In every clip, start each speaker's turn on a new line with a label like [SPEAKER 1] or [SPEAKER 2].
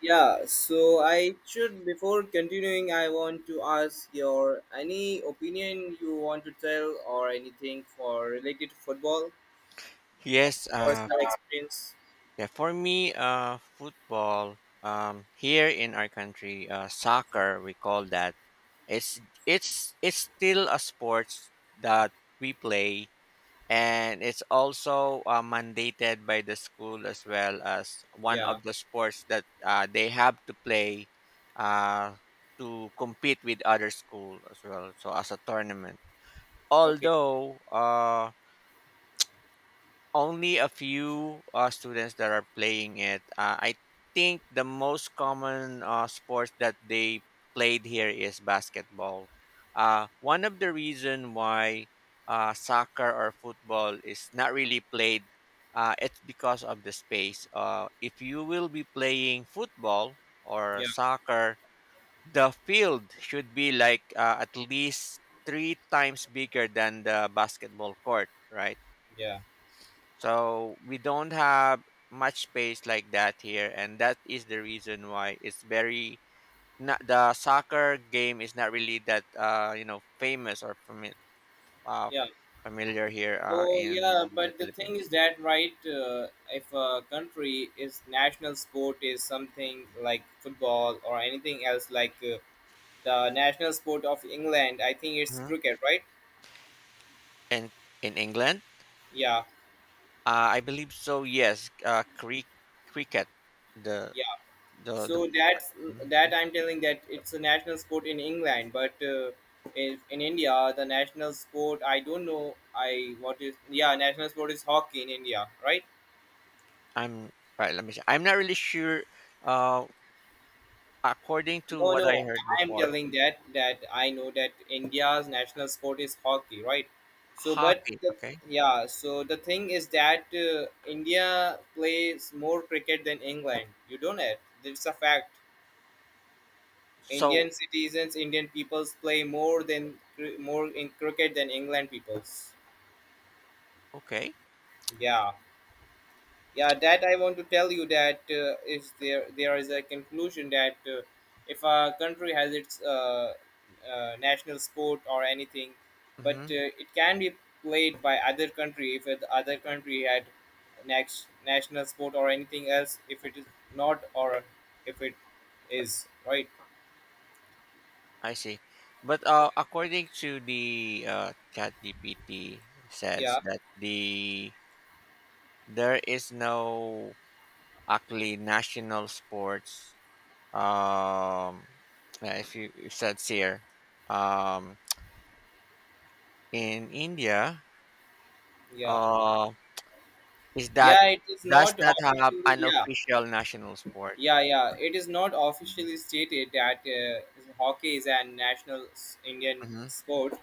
[SPEAKER 1] Yeah, so I should before continuing, I want to ask your any opinion you want to tell or anything for related to football,
[SPEAKER 2] Yes,
[SPEAKER 1] personal experience.
[SPEAKER 2] yeah, for me, football, here in our country, soccer, we call that. It's it's still a sport that we play, and it's also mandated by the school as well as one
[SPEAKER 1] Yeah.
[SPEAKER 2] of the sports that they have to play uh, to compete with other school as well, so as a tournament,
[SPEAKER 1] Okay.
[SPEAKER 2] although only a few students that are playing it. I think the most common sport that they played here is basketball. One of the reason why soccer or football is not really played, it's because of the space. If you will be playing football or
[SPEAKER 1] Yeah.
[SPEAKER 2] soccer, the field should be like at least three times bigger than the basketball court, right?
[SPEAKER 1] Yeah.
[SPEAKER 2] So we don't have much space like that here, and that is the reason why it's very not the soccer game is not really that famous or uh,
[SPEAKER 1] Yeah.
[SPEAKER 2] familiar here
[SPEAKER 1] So yeah,
[SPEAKER 2] in the
[SPEAKER 1] but the thing is
[SPEAKER 2] Philippines.
[SPEAKER 1] that right, if a country is national sport is something like football or anything else like the national sport of England, I think it's
[SPEAKER 2] Mhm.
[SPEAKER 1] cricket, right?
[SPEAKER 2] And in England,
[SPEAKER 1] Yeah.
[SPEAKER 2] I believe so. Yes, cricket. The the
[SPEAKER 1] So that's that I'm telling that it's a national sport in England, but in India the national sport I don't know I what is yeah national sport is hockey in India, right?
[SPEAKER 2] I'm right. Let me see. I'm not really sure. Uh, according to
[SPEAKER 1] No,
[SPEAKER 2] what I
[SPEAKER 1] no,
[SPEAKER 2] heard
[SPEAKER 1] I'm
[SPEAKER 2] before,
[SPEAKER 1] telling that I know that India's national sport is hockey, right? So, but
[SPEAKER 2] hockey.
[SPEAKER 1] the,
[SPEAKER 2] Okay.
[SPEAKER 1] yeah, so the thing is that India plays more cricket than England. You don't know it. It's a fact. Indian
[SPEAKER 2] So
[SPEAKER 1] citizens, Indian peoples play more than more in cricket than England peoples.
[SPEAKER 2] okay.
[SPEAKER 1] Yeah, yeah. That I want to tell you that if there is a conclusion that if a country has its national sport or anything, but
[SPEAKER 2] Mhm.
[SPEAKER 1] it can be played by other country if the other country had next national sport or anything else if it is not or if it is right.
[SPEAKER 2] I see. But according to the ChatGPT says
[SPEAKER 1] Yeah,
[SPEAKER 2] that the there is no actually national sports. Um, yeah, if you it says here, um, in India,
[SPEAKER 1] yeah.
[SPEAKER 2] uh, is that
[SPEAKER 1] Yeah, it is
[SPEAKER 2] does
[SPEAKER 1] not
[SPEAKER 2] not have
[SPEAKER 1] officially.
[SPEAKER 2] an
[SPEAKER 1] Yeah,
[SPEAKER 2] official national sport.
[SPEAKER 1] yeah, yeah. It is not
[SPEAKER 2] Mm-hmm.
[SPEAKER 1] officially stated that hockey is a Indian sport,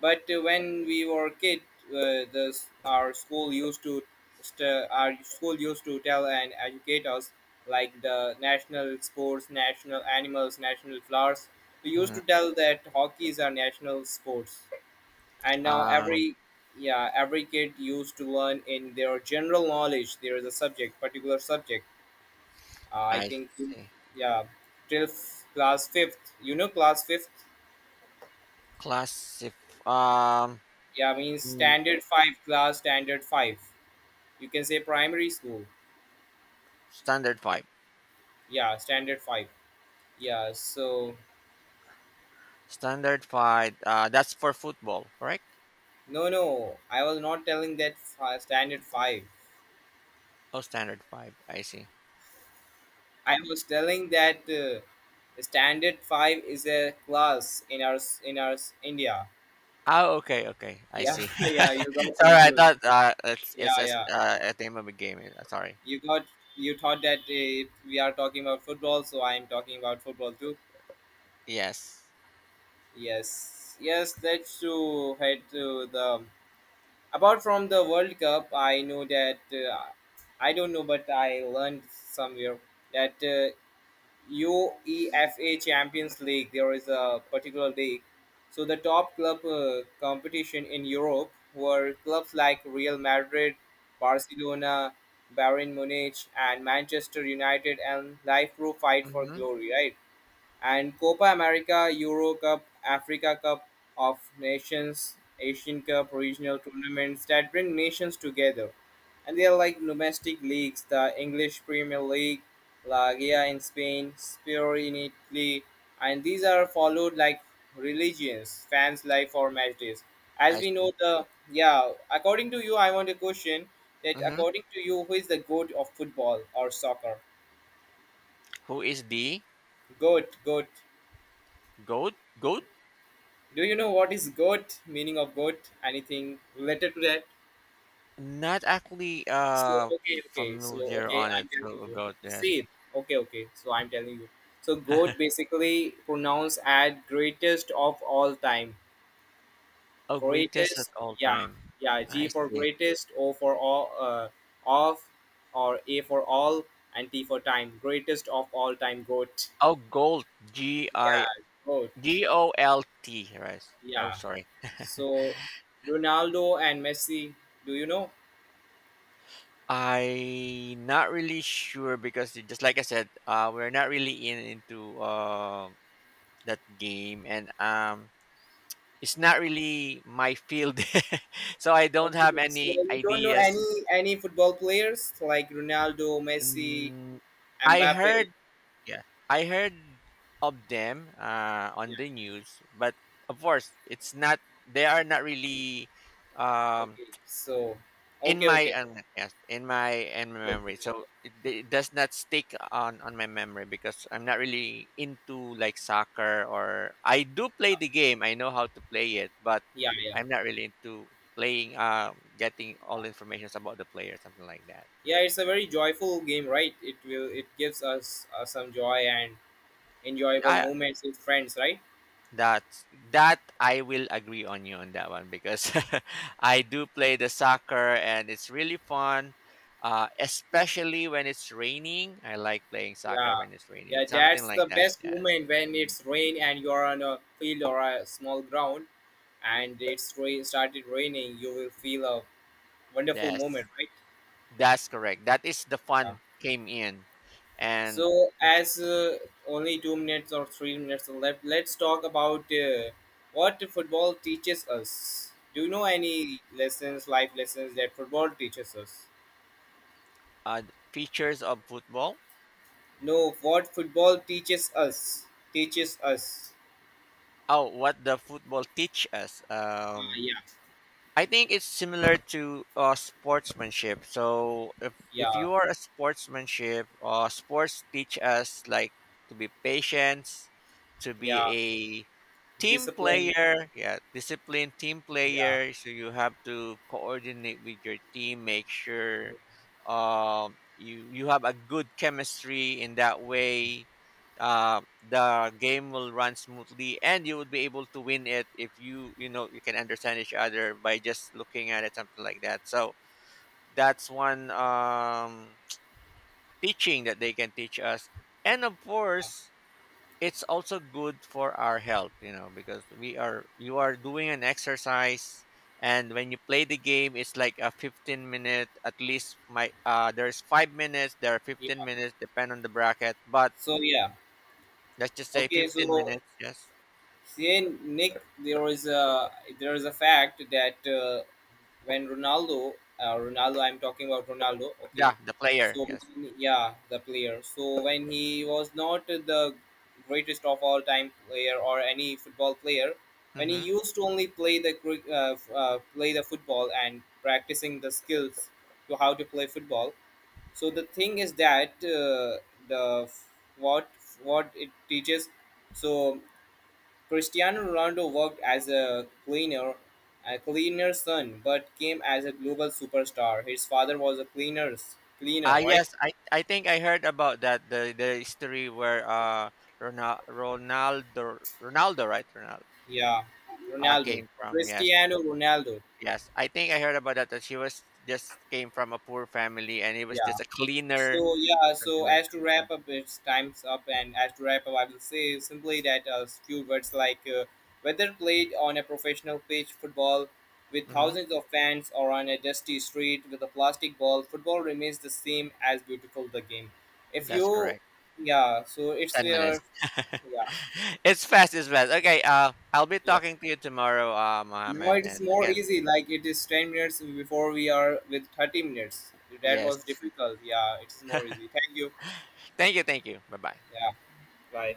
[SPEAKER 1] but when we were kid, our school used to our school used to tell and educate us like the national sports, national animals, national flowers. We used
[SPEAKER 2] Mm-hmm.
[SPEAKER 1] to tell that hockey is our national sports, and now
[SPEAKER 2] Um,
[SPEAKER 1] every yeah every kid used to learn in their general knowledge there is a subject particular subject I
[SPEAKER 2] I
[SPEAKER 1] think
[SPEAKER 2] see.
[SPEAKER 1] yeah till class fifth you know class fifth
[SPEAKER 2] Classif. Um,
[SPEAKER 1] yeah means
[SPEAKER 2] mm,
[SPEAKER 1] standard five class standard five you can say primary school
[SPEAKER 2] standard five.
[SPEAKER 1] yeah standard five yeah so
[SPEAKER 2] Standard five. That's for football, correct?
[SPEAKER 1] no no I was not telling that standard five
[SPEAKER 2] Oh, standard five. I see.
[SPEAKER 1] I was telling that standard five is a class in our in our India.
[SPEAKER 2] Oh, okay, okay. I
[SPEAKER 1] Yeah,
[SPEAKER 2] see.
[SPEAKER 1] yeah, you got
[SPEAKER 2] Sorry, I
[SPEAKER 1] confused.
[SPEAKER 2] thought it's
[SPEAKER 1] Yeah,
[SPEAKER 2] it's a,
[SPEAKER 1] yeah.
[SPEAKER 2] a name of a game. Sorry.
[SPEAKER 1] You got you thought that we are talking about football, so I am talking about football too.
[SPEAKER 2] Yes.
[SPEAKER 1] Yes, yes. Let's to head to the apart from the World Cup. I know that I don't know, but I learned somewhere that UEFA Champions League. There is a particular league. So the top club competition in Europe were clubs like Real Madrid, Barcelona, Bayern Munich, and Manchester United, and life through fight for
[SPEAKER 2] Mm-hmm.
[SPEAKER 1] glory. Right. And Copa America, Euro Cup, Africa Cup of Nations, Asian Cup, regional tournaments that bring nations together. And they are like domestic leagues, the English Premier League, La Liga in Spain, Serie in Italy, and these are followed like religions, fans' life or match days. As
[SPEAKER 2] I
[SPEAKER 1] we
[SPEAKER 2] see.
[SPEAKER 1] know the yeah, according to you, I want a question that
[SPEAKER 2] Mm-hmm.
[SPEAKER 1] according to you, who is the goat of football or soccer?
[SPEAKER 2] Who is the
[SPEAKER 1] Goat, goat.
[SPEAKER 2] goat? Goat?
[SPEAKER 1] Do you know what is goat? Meaning of goat? Anything related to that?
[SPEAKER 2] Not actually
[SPEAKER 1] So okay, okay. So
[SPEAKER 2] familiar
[SPEAKER 1] okay,
[SPEAKER 2] on
[SPEAKER 1] I'm
[SPEAKER 2] it.
[SPEAKER 1] telling
[SPEAKER 2] So
[SPEAKER 1] you.
[SPEAKER 2] goat. Yes.
[SPEAKER 1] See, okay, okay. So I'm telling you. So goat basically pronounced as greatest of all time.
[SPEAKER 2] Oh, greatest at
[SPEAKER 1] Greatest,
[SPEAKER 2] all
[SPEAKER 1] yeah,
[SPEAKER 2] time.
[SPEAKER 1] yeah. G
[SPEAKER 2] I
[SPEAKER 1] for
[SPEAKER 2] see.
[SPEAKER 1] greatest, O for all, of, or A for all, and T for time. Greatest of all time, goat.
[SPEAKER 2] Oh, gold. G I
[SPEAKER 1] Yeah, goat.
[SPEAKER 2] G O L T. Right. Oh,
[SPEAKER 1] Yeah.
[SPEAKER 2] sorry.
[SPEAKER 1] So Ronaldo and Messi. Do you know?
[SPEAKER 2] I not really sure because just like I said, we're not really in into that game, and it's not really my field, so I don't have
[SPEAKER 1] Okay, so
[SPEAKER 2] any
[SPEAKER 1] you don't know
[SPEAKER 2] ideas.
[SPEAKER 1] any football players like Ronaldo, Messi,
[SPEAKER 2] Mm, I
[SPEAKER 1] Mbappe.
[SPEAKER 2] heard, yeah, I heard of them
[SPEAKER 1] Yeah.
[SPEAKER 2] on the news, but of course, it's not. They are not really um,
[SPEAKER 1] Okay. So,
[SPEAKER 2] in
[SPEAKER 1] okay,
[SPEAKER 2] my
[SPEAKER 1] okay,
[SPEAKER 2] yes, in my
[SPEAKER 1] okay, okay,
[SPEAKER 2] memory,
[SPEAKER 1] okay.
[SPEAKER 2] so it does not stick on my memory because I'm not really into like soccer or I do play the game. I know how to play it, but
[SPEAKER 1] Yeah, yeah,
[SPEAKER 2] I'm not really into playing. Getting all informations about the player, something like that.
[SPEAKER 1] yeah. It's a very joyful game, right? It gives us some joy and enjoyable
[SPEAKER 2] I
[SPEAKER 1] moments with friends, right?
[SPEAKER 2] That's that I will agree on you on that one because I do play the soccer and it's really fun. Especially when it's raining. I like playing soccer
[SPEAKER 1] Yeah,
[SPEAKER 2] when it's raining.
[SPEAKER 1] yeah.
[SPEAKER 2] Something
[SPEAKER 1] That's the
[SPEAKER 2] like that.
[SPEAKER 1] best
[SPEAKER 2] Yes.
[SPEAKER 1] moment when it's rain and you're on a field or a small ground and it's rain started raining. You will feel a wonderful
[SPEAKER 2] Yes.
[SPEAKER 1] moment, right?
[SPEAKER 2] That's correct. That is the
[SPEAKER 1] Yeah.
[SPEAKER 2] fun came in. And
[SPEAKER 1] So, as only 2 minutes or 3 minutes are left, let's talk about what football teaches us. Do you know any lessons, life lessons that football teaches us?
[SPEAKER 2] uh, features of football.
[SPEAKER 1] No, what football teaches us? Teaches us.
[SPEAKER 2] Oh, what the football teach us.
[SPEAKER 1] Yeah,
[SPEAKER 2] I think it's similar to sportsmanship. So if
[SPEAKER 1] yeah,
[SPEAKER 2] you are a sportsmanship, sports teach us like to be patient, to be
[SPEAKER 1] yeah.
[SPEAKER 2] a team
[SPEAKER 1] Discipline.
[SPEAKER 2] player. Yeah, disciplined team
[SPEAKER 1] Yeah,
[SPEAKER 2] player. So you have to coordinate with your team, make sure you have a good chemistry in that way the game will run smoothly, and you would be able to win it if you you know you can understand each other by just looking at it, something like that. So that's one teaching that they can teach us, and of course it's also good for our health, you know, because we are you are doing an exercise. And when you play the game it's like a 15 minute at least, my there's 5 minutes, there are
[SPEAKER 1] yeah.
[SPEAKER 2] 15 minutes depend on the bracket, but
[SPEAKER 1] So yeah,
[SPEAKER 2] let's just say
[SPEAKER 1] okay.
[SPEAKER 2] 15
[SPEAKER 1] So
[SPEAKER 2] minutes. Yes.
[SPEAKER 1] see, Nick, there is a fact that when Ronaldo, Ronaldo, I'm talking about Ronaldo. Okay,
[SPEAKER 2] Yeah, the player.
[SPEAKER 1] so
[SPEAKER 2] Yes.
[SPEAKER 1] yeah, the player. So when he was not the greatest of all time player or any football player, when he
[SPEAKER 2] Mm-hmm.
[SPEAKER 1] used to only play the play the football and practicing the skills to how to play football. So the thing is that the f- what what it teaches so Cristiano Ronaldo worked as a cleaner, a cleaner's son, but came as a global superstar. His father was a cleaner's cleaner,
[SPEAKER 2] Ah,
[SPEAKER 1] right?
[SPEAKER 2] yes. I think I heard about that. The history where Ronaldo, Ronaldo,
[SPEAKER 1] Yeah, Ronaldo,
[SPEAKER 2] came from. Yes.
[SPEAKER 1] Cristiano Ronaldo.
[SPEAKER 2] Yes. I think I heard about that. That she was just came from a poor family, and he was
[SPEAKER 1] Yeah.
[SPEAKER 2] just a cleaner.
[SPEAKER 1] So yeah, so
[SPEAKER 2] Something like
[SPEAKER 1] as to
[SPEAKER 2] that.
[SPEAKER 1] wrap up, it's time's up, and as to wrap up, I will say simply that a few words like whether played on a professional pitch, football with
[SPEAKER 2] Mm-hmm.
[SPEAKER 1] thousands of fans, or on a dusty street with a plastic ball, football remains the same as beautiful the game. If
[SPEAKER 2] That's
[SPEAKER 1] you,
[SPEAKER 2] correct.
[SPEAKER 1] yeah, so it's
[SPEAKER 2] Ten
[SPEAKER 1] where,
[SPEAKER 2] minutes.
[SPEAKER 1] yeah,
[SPEAKER 2] It's fast. It's fast. Okay. I'll be
[SPEAKER 1] yeah.
[SPEAKER 2] talking to you tomorrow,
[SPEAKER 1] Now
[SPEAKER 2] Mohammed.
[SPEAKER 1] it is
[SPEAKER 2] And
[SPEAKER 1] more
[SPEAKER 2] again,
[SPEAKER 1] easy. Like it is 10 minutes before we are with 30 minutes. That
[SPEAKER 2] yes.
[SPEAKER 1] was difficult. Yeah, it is more easy. Thank you.
[SPEAKER 2] Thank you. Thank you. Bye bye.
[SPEAKER 1] Yeah, bye.